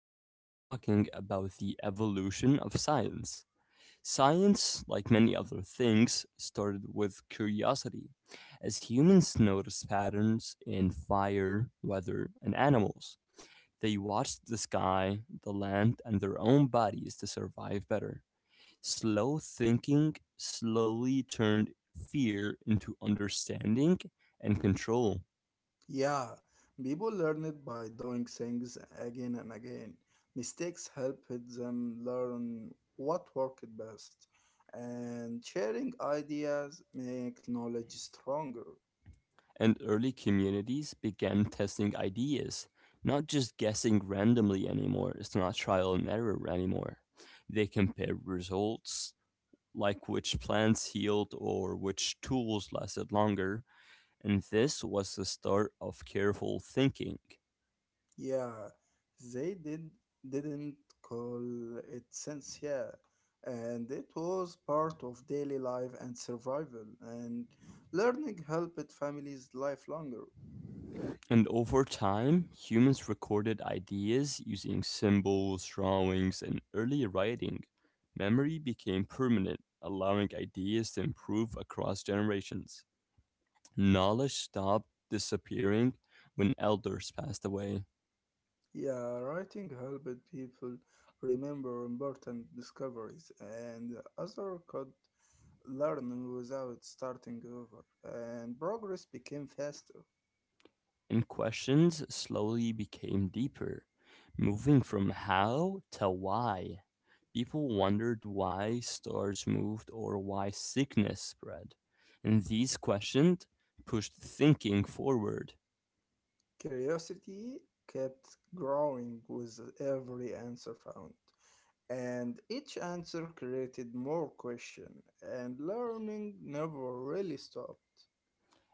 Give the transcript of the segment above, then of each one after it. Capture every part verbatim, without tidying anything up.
we're going to be talking about the evolution of science. Science, like many other things, started with curiosity, as humans noticed patterns in fire, weather, and animals. They watched the sky, the land, and their own bodies to survive better. Slow thinking slowly turned fear into understanding and control. Yeah, people learn it by doing things again and again. Mistakes help them learn what worked best, and sharing ideas make knowledge stronger. And early communities began testing ideas, not just guessing randomly anymore. It's not trial and error anymore. They compare results, like which plants healed or which tools lasted longer, and this was the start of careful thinking. Yeah, they did didn't call it sense, yeah, and it was part of daily life and survival. And learning helped families life longer. And over time, humans recorded ideas using symbols, drawings, and early writing. Memory became permanent, allowing ideas to improve across generations. Knowledge stopped disappearing when elders passed away, Yeah, writing helped people remember important discoveries, and others could learn without starting over, and progress became faster. and questions slowly became deeper, moving from how to why. People wondered why stars moved or why sickness spread. And these questions pushed thinking forward. Curiosity kept growing with every answer found, and each answer created more questions, and learning never really stopped.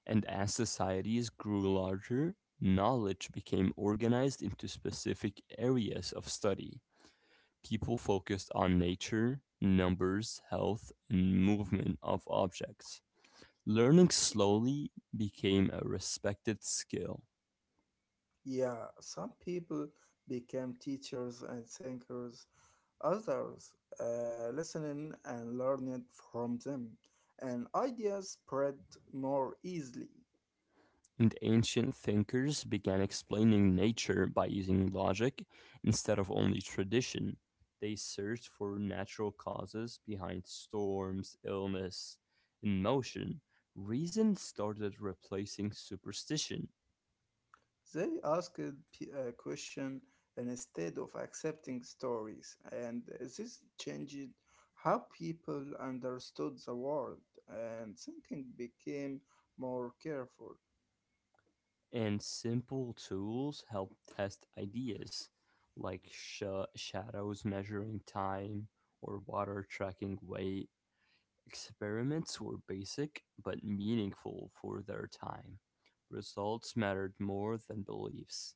And as societies grew larger, knowledge became organized into specific areas of study. People focused on nature, numbers, health, and movement of objects. Learning slowly became a respected skill, Yeah, some people became teachers and thinkers. Others uh, listened and learned from them, and ideas spread more easily. and ancient thinkers began explaining nature by using logic instead of only tradition. They searched for natural causes behind storms, illness, and motion. Reason started replacing superstition. They asked p- a question instead of accepting stories, and this changed how people understood the world, and thinking became more careful. And simple tools help test ideas, like sh- shadows measuring time or water tracking weight. Experiments were basic but meaningful for their time. Results mattered more than beliefs.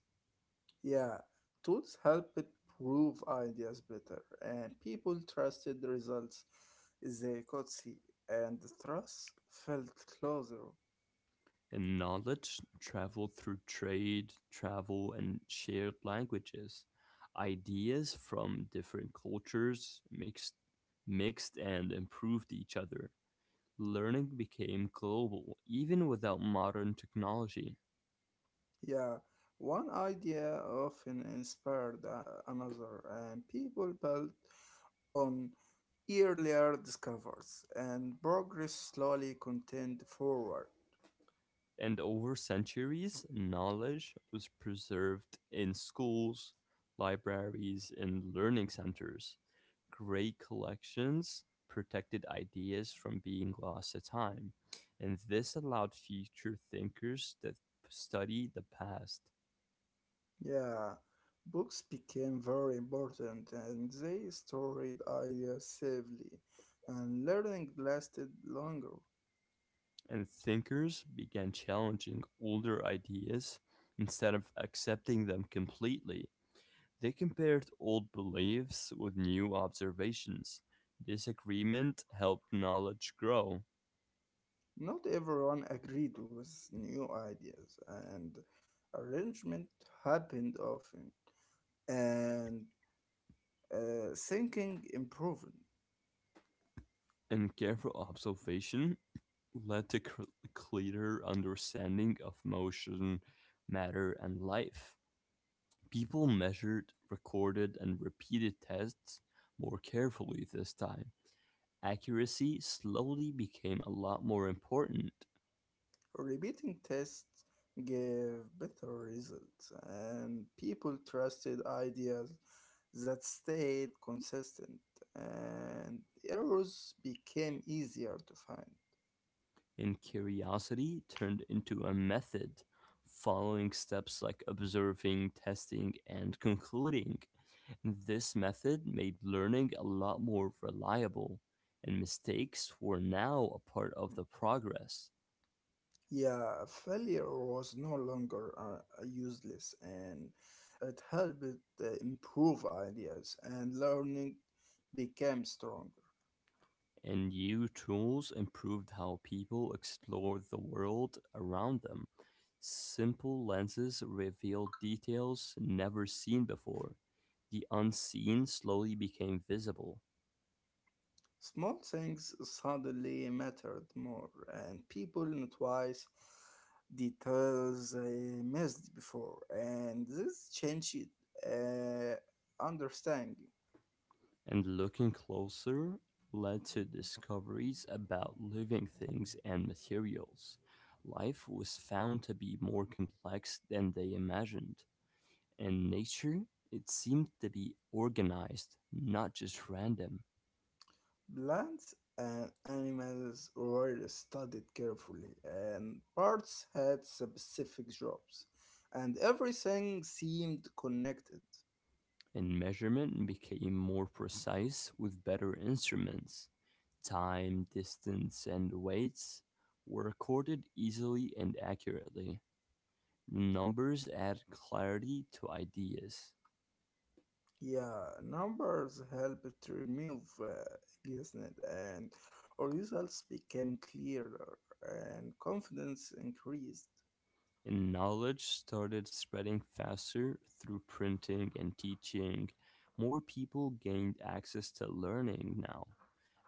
Yeah, tools help it prove ideas better, and people trusted the results they could see, and the trust felt closer. And knowledge traveled through trade, travel, and shared languages. Ideas from different cultures mixed, mixed and improved each other. Learning became global even without modern technology, Yeah, one idea often inspired uh, another, and people built on earlier discoveries, and progress slowly continued forward. and over centuries, knowledge was preserved in schools, libraries, and learning centers. Great collections protected ideas from being lost to time, and this allowed future thinkers to study the past. Yeah, books became very important and they stored ideas safely, and learning lasted longer. And thinkers began challenging older ideas instead of accepting them completely. They compared old beliefs with new observations. This agreement helped knowledge grow, Not everyone agreed with new ideas, and arrangement happened often, and uh, thinking improved. and careful observation led to cl- clearer understanding of motion, matter, and life. People measured, recorded, and repeated tests more carefully this time. Accuracy slowly became a lot more important. Repeating tests gave better results, and people trusted ideas that stayed consistent, and errors became easier to find. In curiosity turned into a method, following steps like observing, testing, and concluding. This method made learning a lot more reliable, and mistakes were now a part of the progress. Yeah, failure was no longer uh, useless, and it helped uh, improve ideas, and learning became stronger. And new tools improved how people explored the world around them. Simple lenses revealed details never seen before. The unseen slowly became visible. Small things suddenly mattered more, and people noticed details they missed before, and this changed uh, understanding. And looking closer led to discoveries about living things and materials. Life was found to be more complex than they imagined, and nature, it seemed to be organized, not just random. Plants and animals were studied carefully, and parts had specific jobs, and everything seemed connected. And measurement became more precise with better instruments. Time, distance, and weights were recorded easily and accurately. Numbers add clarity to ideas. Yeah, numbers helped to remove uh, guessing and our results became clearer and confidence increased. And knowledge started spreading faster through printing and teaching. More people gained access to learning now.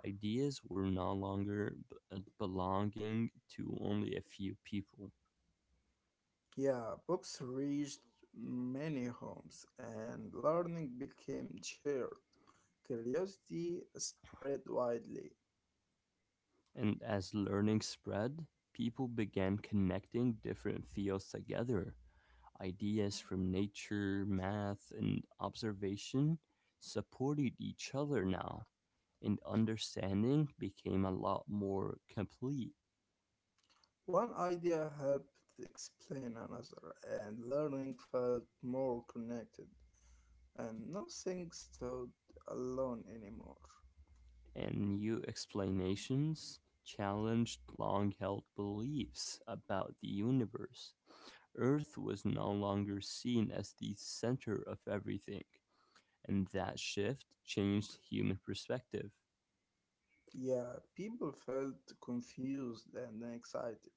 Ideas were no longer b- uh, belonging to only a few people. Yeah, books reached many homes and learning became shared. Curiosity spread widely. And as learning spread, people began connecting different fields together. Ideas from nature, math, and observation supported each other now, and understanding became a lot more complete. One idea helped explain another and learning felt more connected and nothing stood alone anymore. And new explanations challenged long held beliefs about the universe. Earth was no longer seen as the center of everything, and that shift changed human perspective. Yeah, people felt confused and excited,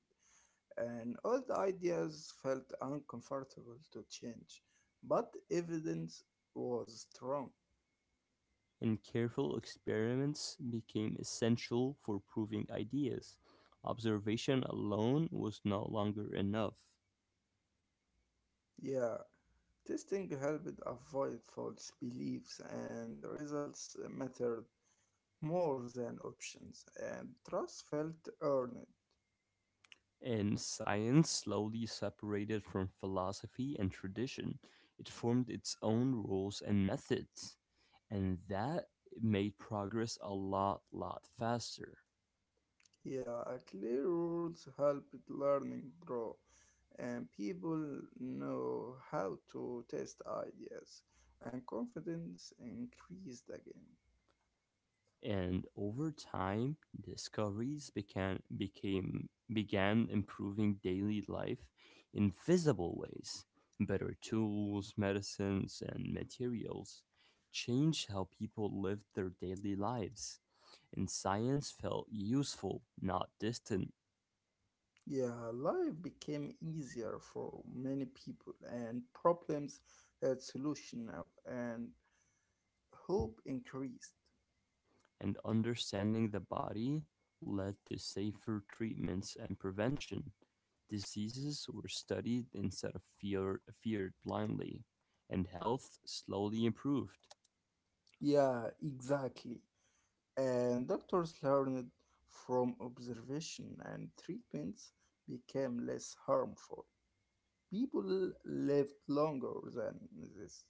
and old ideas felt uncomfortable to change, but evidence was strong. And careful experiments became essential for proving ideas. Observation alone was no longer enough. Yeah, testing helped avoid false beliefs, and the results mattered more than options, and trust felt earned. And science, slowly separated from philosophy and tradition, it formed its own rules and methods. And that made progress a lot, lot faster. Yeah, clear rules help learning grow, and people know how to test ideas, and confidence increased again. And over time, discoveries began became began improving daily life in visible ways. Better tools, medicines, and materials changed how people lived their daily lives. And science felt useful, not distant. Yeah, life became easier for many people, and problems had solution now, and hope increased. And understanding the body led to safer treatments and prevention. Diseases were studied instead of fear, feared blindly, and health slowly improved. Yeah, exactly. And doctors learned from observation, and treatments became less harmful. People lived longer than this.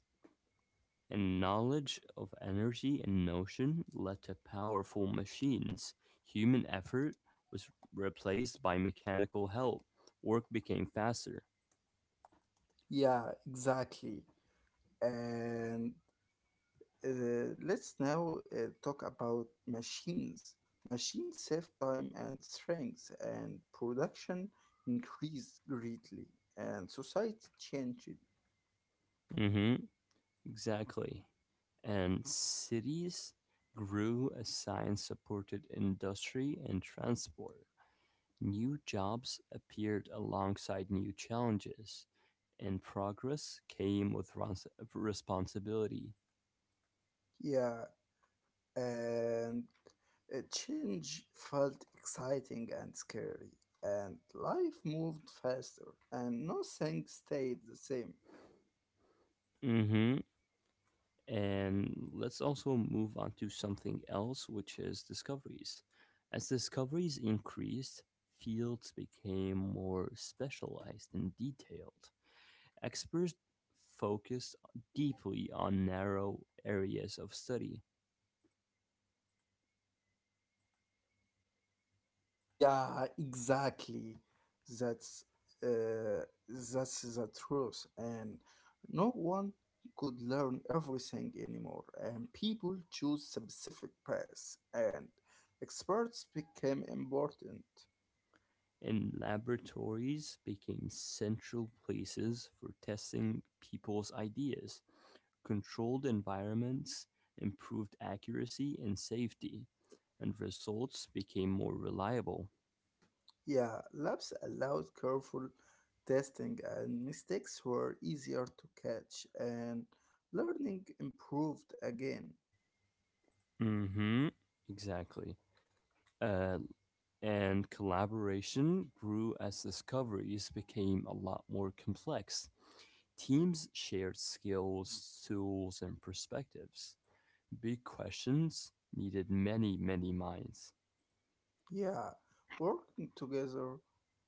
And knowledge of energy and motion led to powerful machines. Human effort was replaced by mechanical help. Work became faster. Yeah, exactly. And uh, let's now uh, talk about machines. Machines save time and strength, and production increased greatly, and society changed. Mm-hmm, exactly. And cities grew as science supported industry and transport. New jobs appeared alongside new challenges, and progress came with rons- responsibility. Yeah, and uh, change felt exciting and scary, and life moved faster, and nothing stayed the same. Hmm. And let's also move on to something else, which is discoveries. As discoveries increased, fields became more specialized and detailed. Experts focused deeply on narrow areas of study, Yeah, exactly. That's uh, that's the truth, and no one could learn everything anymore. And people choose specific paths, and experts became important. and laboratories became central places for testing people's ideas. Controlled environments improved accuracy and safety, and results became more reliable. Yeah, labs allowed careful testing, and mistakes were easier to catch, and learning improved again. Hmm. Exactly. Uh, and collaboration grew as discoveries became a lot more complex. Teams shared skills, tools, and perspectives. Big questions needed many, many minds. Yeah, working together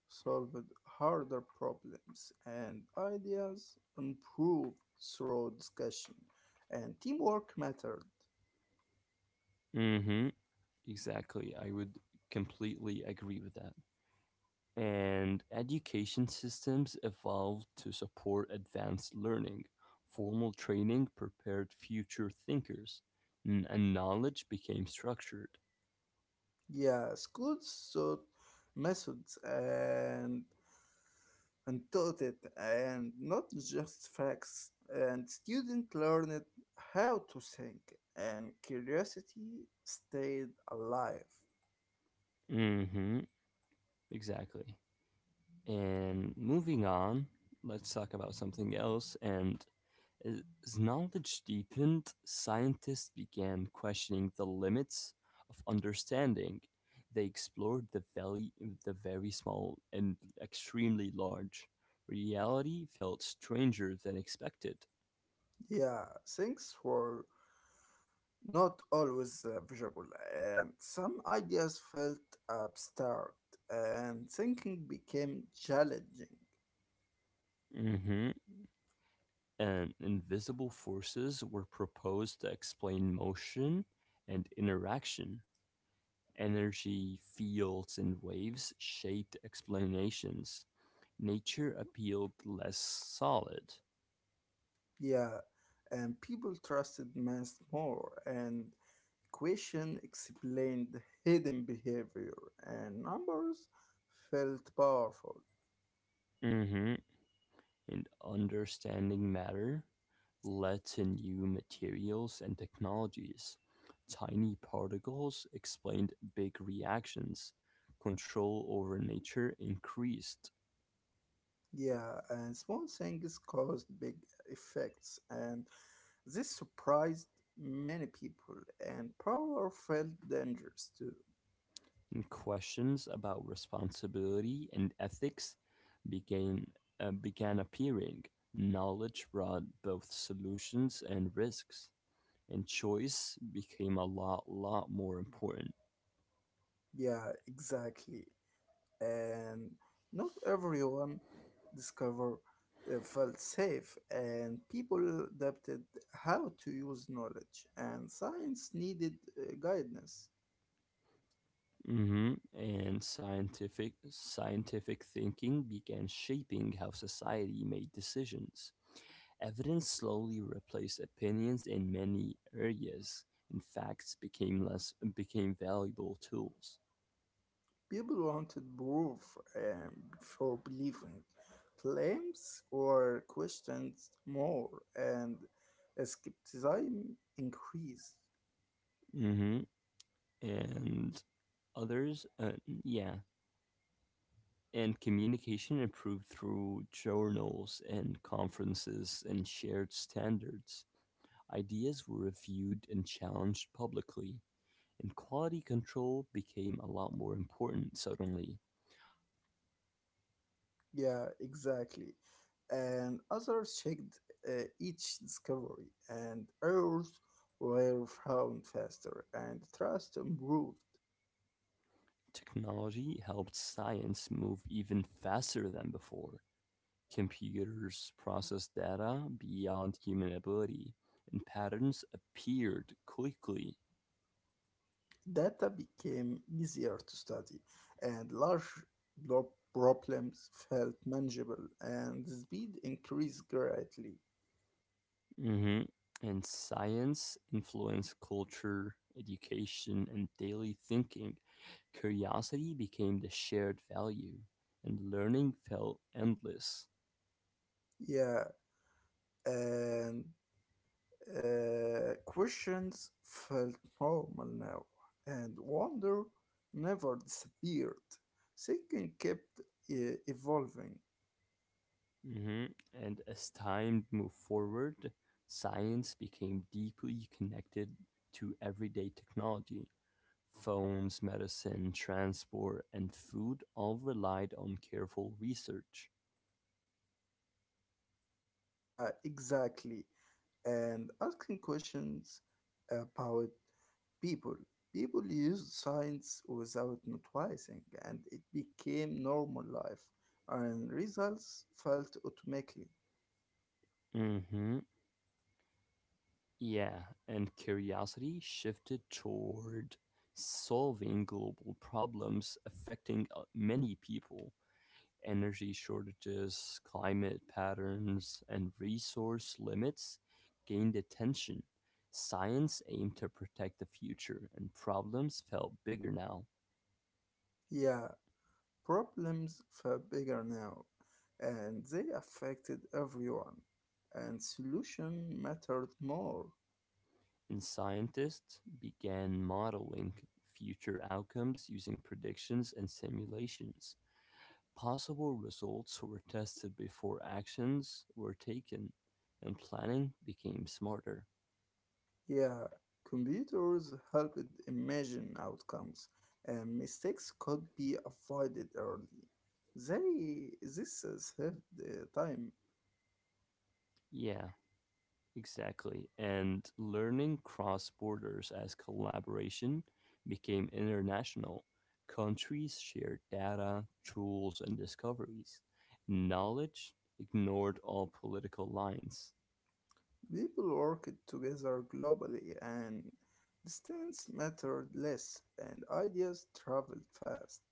solved harder problems and ideas improved through discussion, and teamwork mattered. Mm-hmm. Exactly. I would completely agree with that. And education systems evolved to support advanced learning. Formal training prepared future thinkers, n- and knowledge became structured. Yeah, schools taught methods and and taught it, and not just facts. And students learned how to think, and curiosity stayed alive. Mm-hmm. Exactly. And moving on, let's talk about something else. And As knowledge deepened, scientists began questioning the limits of understanding; they explored the valley, the very small and extremely large. Reality felt stranger than expected. Yeah, thanks for not always uh, visible, and some ideas felt abstract, and thinking became challenging. Hmm. And invisible forces were proposed to explain motion and interaction. Energy, fields, and waves shaped explanations. Nature appealed less solid. Yeah, and people trusted math more, and equation explained hidden behavior, and numbers felt powerful. Mm-hmm. In understanding matter led to new materials and technologies. Tiny particles explained big reactions. Control over nature increased, Yeah, and small things caused big effects, and this surprised many people, and power felt dangerous too. and questions about responsibility and ethics began, uh, began appearing. Knowledge brought both solutions and risks, and choice became a lot, lot more important. Yeah, exactly. And not everyone discover uh, felt safe, and people adapted how to use knowledge. And science needed uh, guidance. Hmm. And scientific scientific thinking began shaping how society made decisions. Evidence slowly replaced opinions in many areas, and facts became less became valuable tools. People wanted proof, um, for believing claims or questions more, and skepticism increased. Hmm. And others, uh, yeah. And communication improved through journals and conferences and shared standards. Ideas were reviewed and challenged publicly, and quality control became a lot more important suddenly. Yeah, exactly. And others checked uh, each discovery, and errors were found faster, and trust improved. Technology helped science move even faster than before. Computers processed data beyond human ability, and patterns appeared quickly. Data became easier to study, and large blo- problems felt manageable, and speed increased greatly. Hmm. And science influenced culture, education, and daily thinking. Curiosity became the shared value, and learning felt endless. Yeah, and Uh, questions felt normal now, and wonder never disappeared. Thinking kept uh, evolving. Hmm. And as time moved forward, science became deeply connected to everyday technology. Phones, medicine, transport, and food all relied on careful research. Yeah, exactly. And asking questions about people. People used science without noticing, and it became normal life, and results felt automatically. Hmm. Yeah, and curiosity shifted toward solving global problems affecting uh, many people. Energy shortages, climate patterns, and resource limits gained attention. Science aimed to protect the future, and problems felt bigger now. Yeah, problems were bigger now, and they affected everyone. And solution mattered more. And scientists began modeling future outcomes using predictions and simulations. Possible results were tested before actions were taken, and planning became smarter. Yeah, computers helped imagine outcomes, and mistakes could be avoided early. They this saved the time. Yeah, exactly. And learning cross borders as collaboration became international. Countries shared data, tools, and discoveries. Knowledge ignored all political lines. People worked together globally, and distance mattered less, and ideas traveled fast.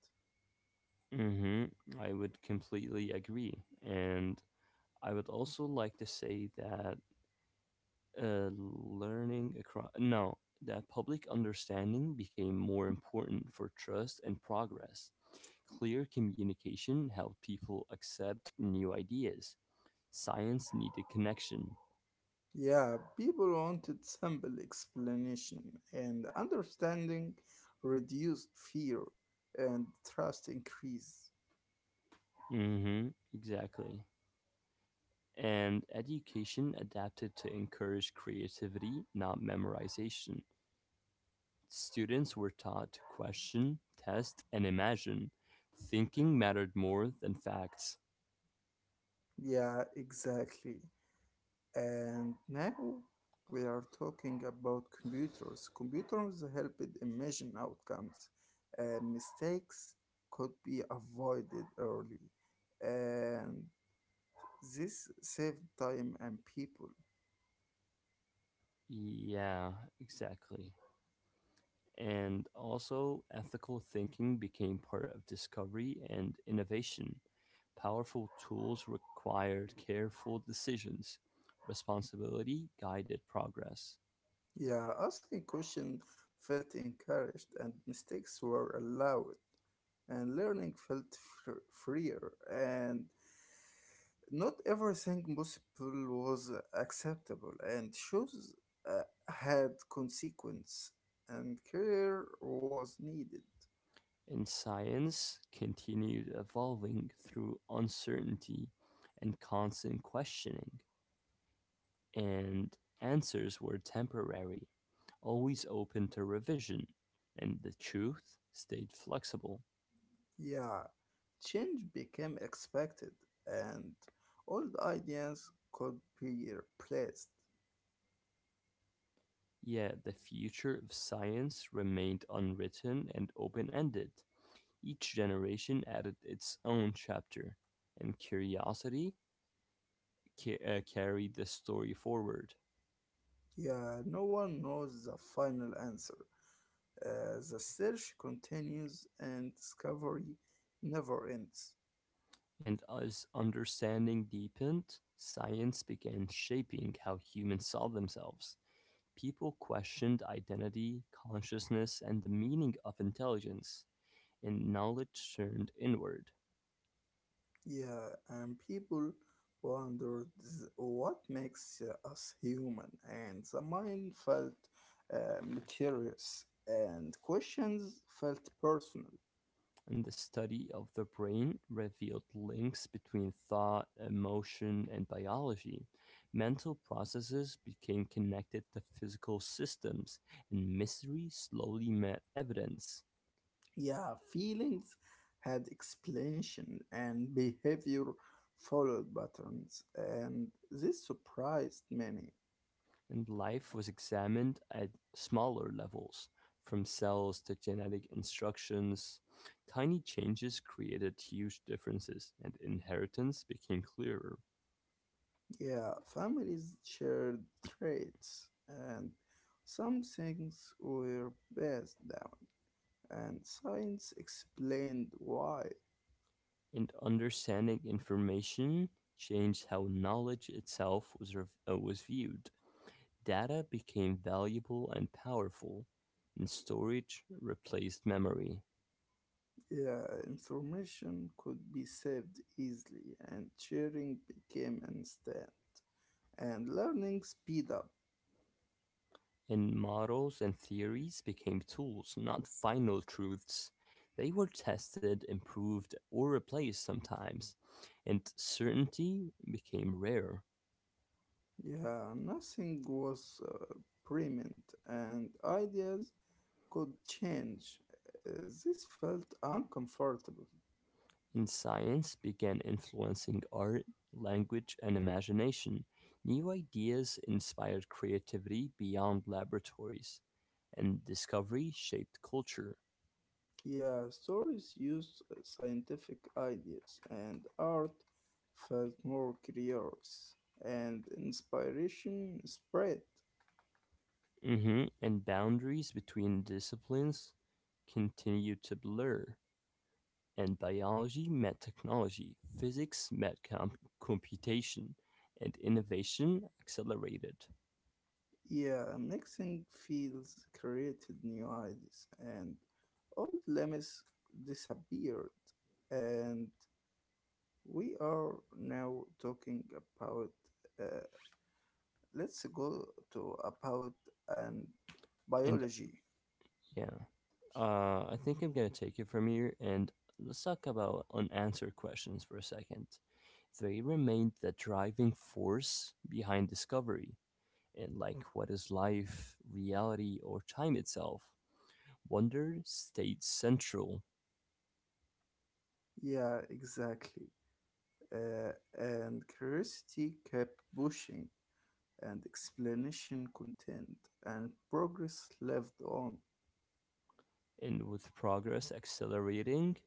Mm-hmm. I would completely agree. And I would also like to say that uh, learning across no that public understanding became more important for trust and progress. Clear communication helped people accept new ideas. Science needed connection. Yeah, people wanted simple explanation, and understanding reduced fear and trust increased. Mm-hmm. Exactly. And education adapted to encourage creativity, not memorization. Students were taught to question, test, and imagine. Thinking mattered more than facts. Yeah, exactly. And now we are talking about computers. Computers helped imagine outcomes, and mistakes could be avoided early. And this saved time and people. Yeah, exactly. And also, ethical thinking became part of discovery and innovation. Powerful tools required careful decisions. Responsibility guided progress. Yeah, asking questions felt encouraged and mistakes were allowed, and learning felt fr- freer. And not everything possible was acceptable, and shoes uh, had consequence, and care was needed. And science continued evolving through uncertainty and constant questioning. And answers were temporary, always open to revision. And the truth stayed flexible. Yeah, change became expected, and old ideas could be replaced. Yet the future of science remained unwritten and open-ended; each generation added its own chapter, and curiosity ca- uh, carried the story forward. Yeah, no one knows the final answer. Uh, the search continues and discovery never ends. And as understanding deepened, science began shaping how humans saw themselves. People questioned identity, consciousness, and the meaning of intelligence, and knowledge turned inward. Yeah, and people wondered what makes uh, us human, and the mind felt uh, mysterious, and questions felt personal. And the study of the brain revealed links between thought, emotion, and biology. Mental processes became connected to physical systems, and mystery slowly met evidence. Yeah, feelings had explanation, and behavior followed patterns, and this surprised many. And life was examined at smaller levels, from cells to genetic instructions. Tiny changes created huge differences, and inheritance became clearer. Yeah, families shared traits, and some things were passed down, and science explained why. And understanding information changed how knowledge itself was, rev- uh, was viewed. Data became valuable and powerful, and storage replaced memory. Yeah, information could be saved easily, and sharing became instant, and learning speed up. And models and theories became tools, not final truths. They were tested, improved, or replaced sometimes, and certainty became rare. Yeah, nothing was uh, permanent, and ideas could change. Uh, this felt uncomfortable. In science began influencing art, language, and imagination. New ideas inspired creativity beyond laboratories, and discovery shaped culture. Yeah, stories used scientific ideas and art felt more curious and inspiration spread. Hmm. And boundaries between disciplines continued to blur. And biology met technology, physics met com- computation, and innovation accelerated. Yeah, mixing fields created new ideas and old limits disappeared and we are now talking about uh, let's go to about um, And biology. yeah. Uh, I think I'm gonna take it from here, and let's talk about unanswered questions for a second. They remained the driving force behind discovery, and like what is life, reality, or time itself. Wonder stayed central. Yeah, exactly. uh, and curiosity kept pushing, and explanation content, and progress lived on. And with progress accelerating,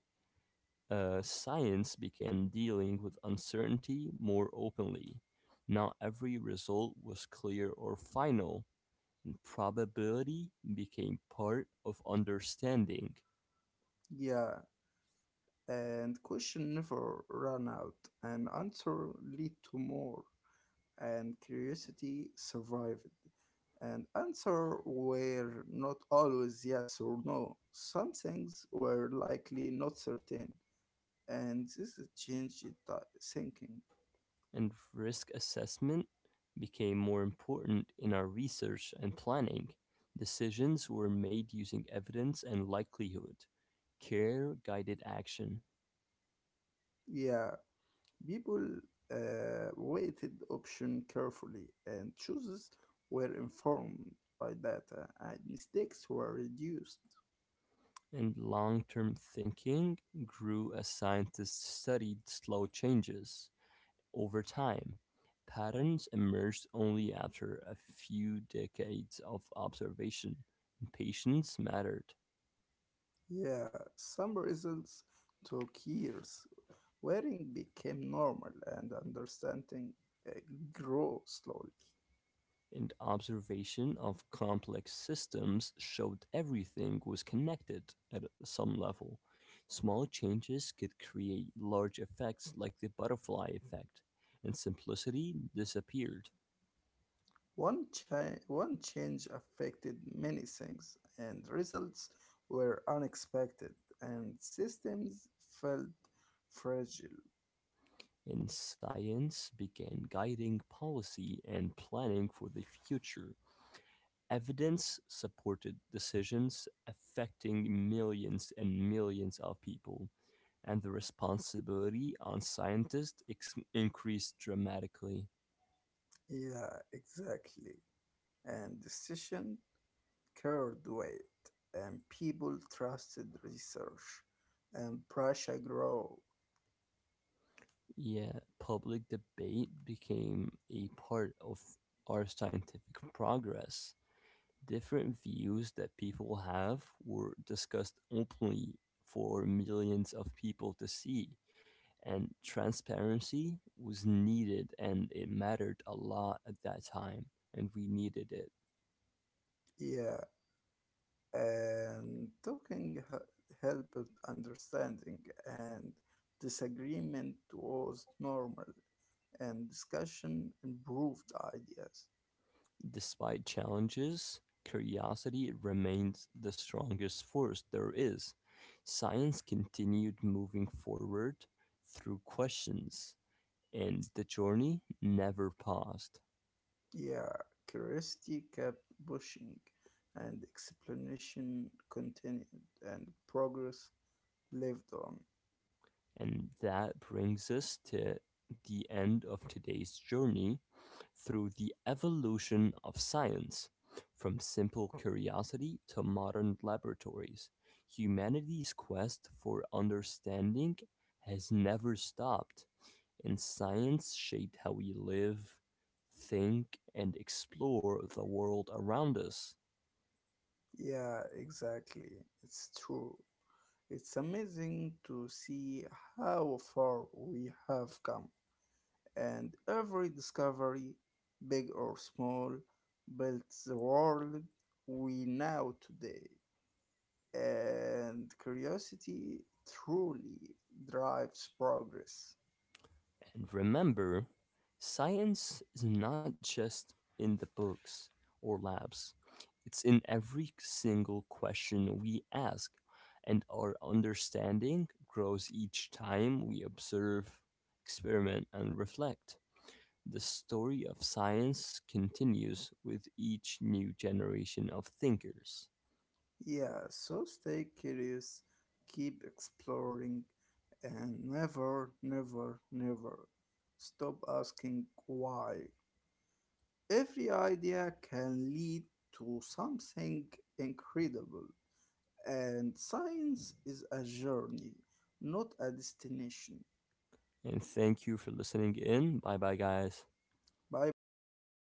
uh, science began dealing with uncertainty more openly. Not every result was clear or final. Probability became part of understanding. Yeah, and question never ran out, and answer lead to more, and curiosity survived. And answer were not always yes or no. Some things were likely not certain, and this changed the thinking. And risk assessment became more important in our research and planning. Decisions were made using evidence and likelihood. Care guided action. Yeah, people uh, weighted option carefully, and choices were informed by data, and mistakes were reduced. And long term thinking grew as scientists studied slow changes over time. Patterns emerged only after a few decades of observation, and patience mattered. Yeah, some results took years. Wearing became normal, and understanding uh, grew slowly. And observation of complex systems showed everything was connected at some level. Small changes could create large effects like the butterfly effect, and simplicity disappeared. One, cha- one change affected many things, and results were unexpected, and systems felt fragile. And science began guiding policy and planning for the future. Evidence supported decisions affecting millions and millions of people. And the responsibility on scientists ex- increased dramatically. Yeah, exactly. And decision carried weight, and people trusted research, and pressure grow. Yeah, public debate became a part of our scientific progress. Different views that people have were discussed openly for millions of people to see, and transparency was needed and it mattered a lot at that time, and we needed it. Yeah, and talking he- helped understanding, and disagreement was normal, and discussion improved ideas. Despite challenges, curiosity remains the strongest force there is. Science continued moving forward through questions, and the journey never paused. Yeah, curiosity kept pushing, and explanation continued, and progress lived on. And that brings us to the end of today's journey through the evolution of science. From simple curiosity to modern laboratories, humanity's quest for understanding has never stopped, and science shaped how we live, think, and explore the world around us. Yeah, exactly. It's true. It's amazing to see how far we have come, and every discovery, big or small, built the world we know today. And curiosity truly drives progress. And remember, science is not just in the books or labs, it's in every single question we ask, and our understanding grows each time we observe, experiment, and reflect. The story of science continues with each new generation of thinkers. Yeah, so stay curious, keep exploring, and never, never, never stop asking why. Every idea can lead to something incredible, and science is a journey, not a destination. And thank you for listening in. Bye bye, guys. Bye bye.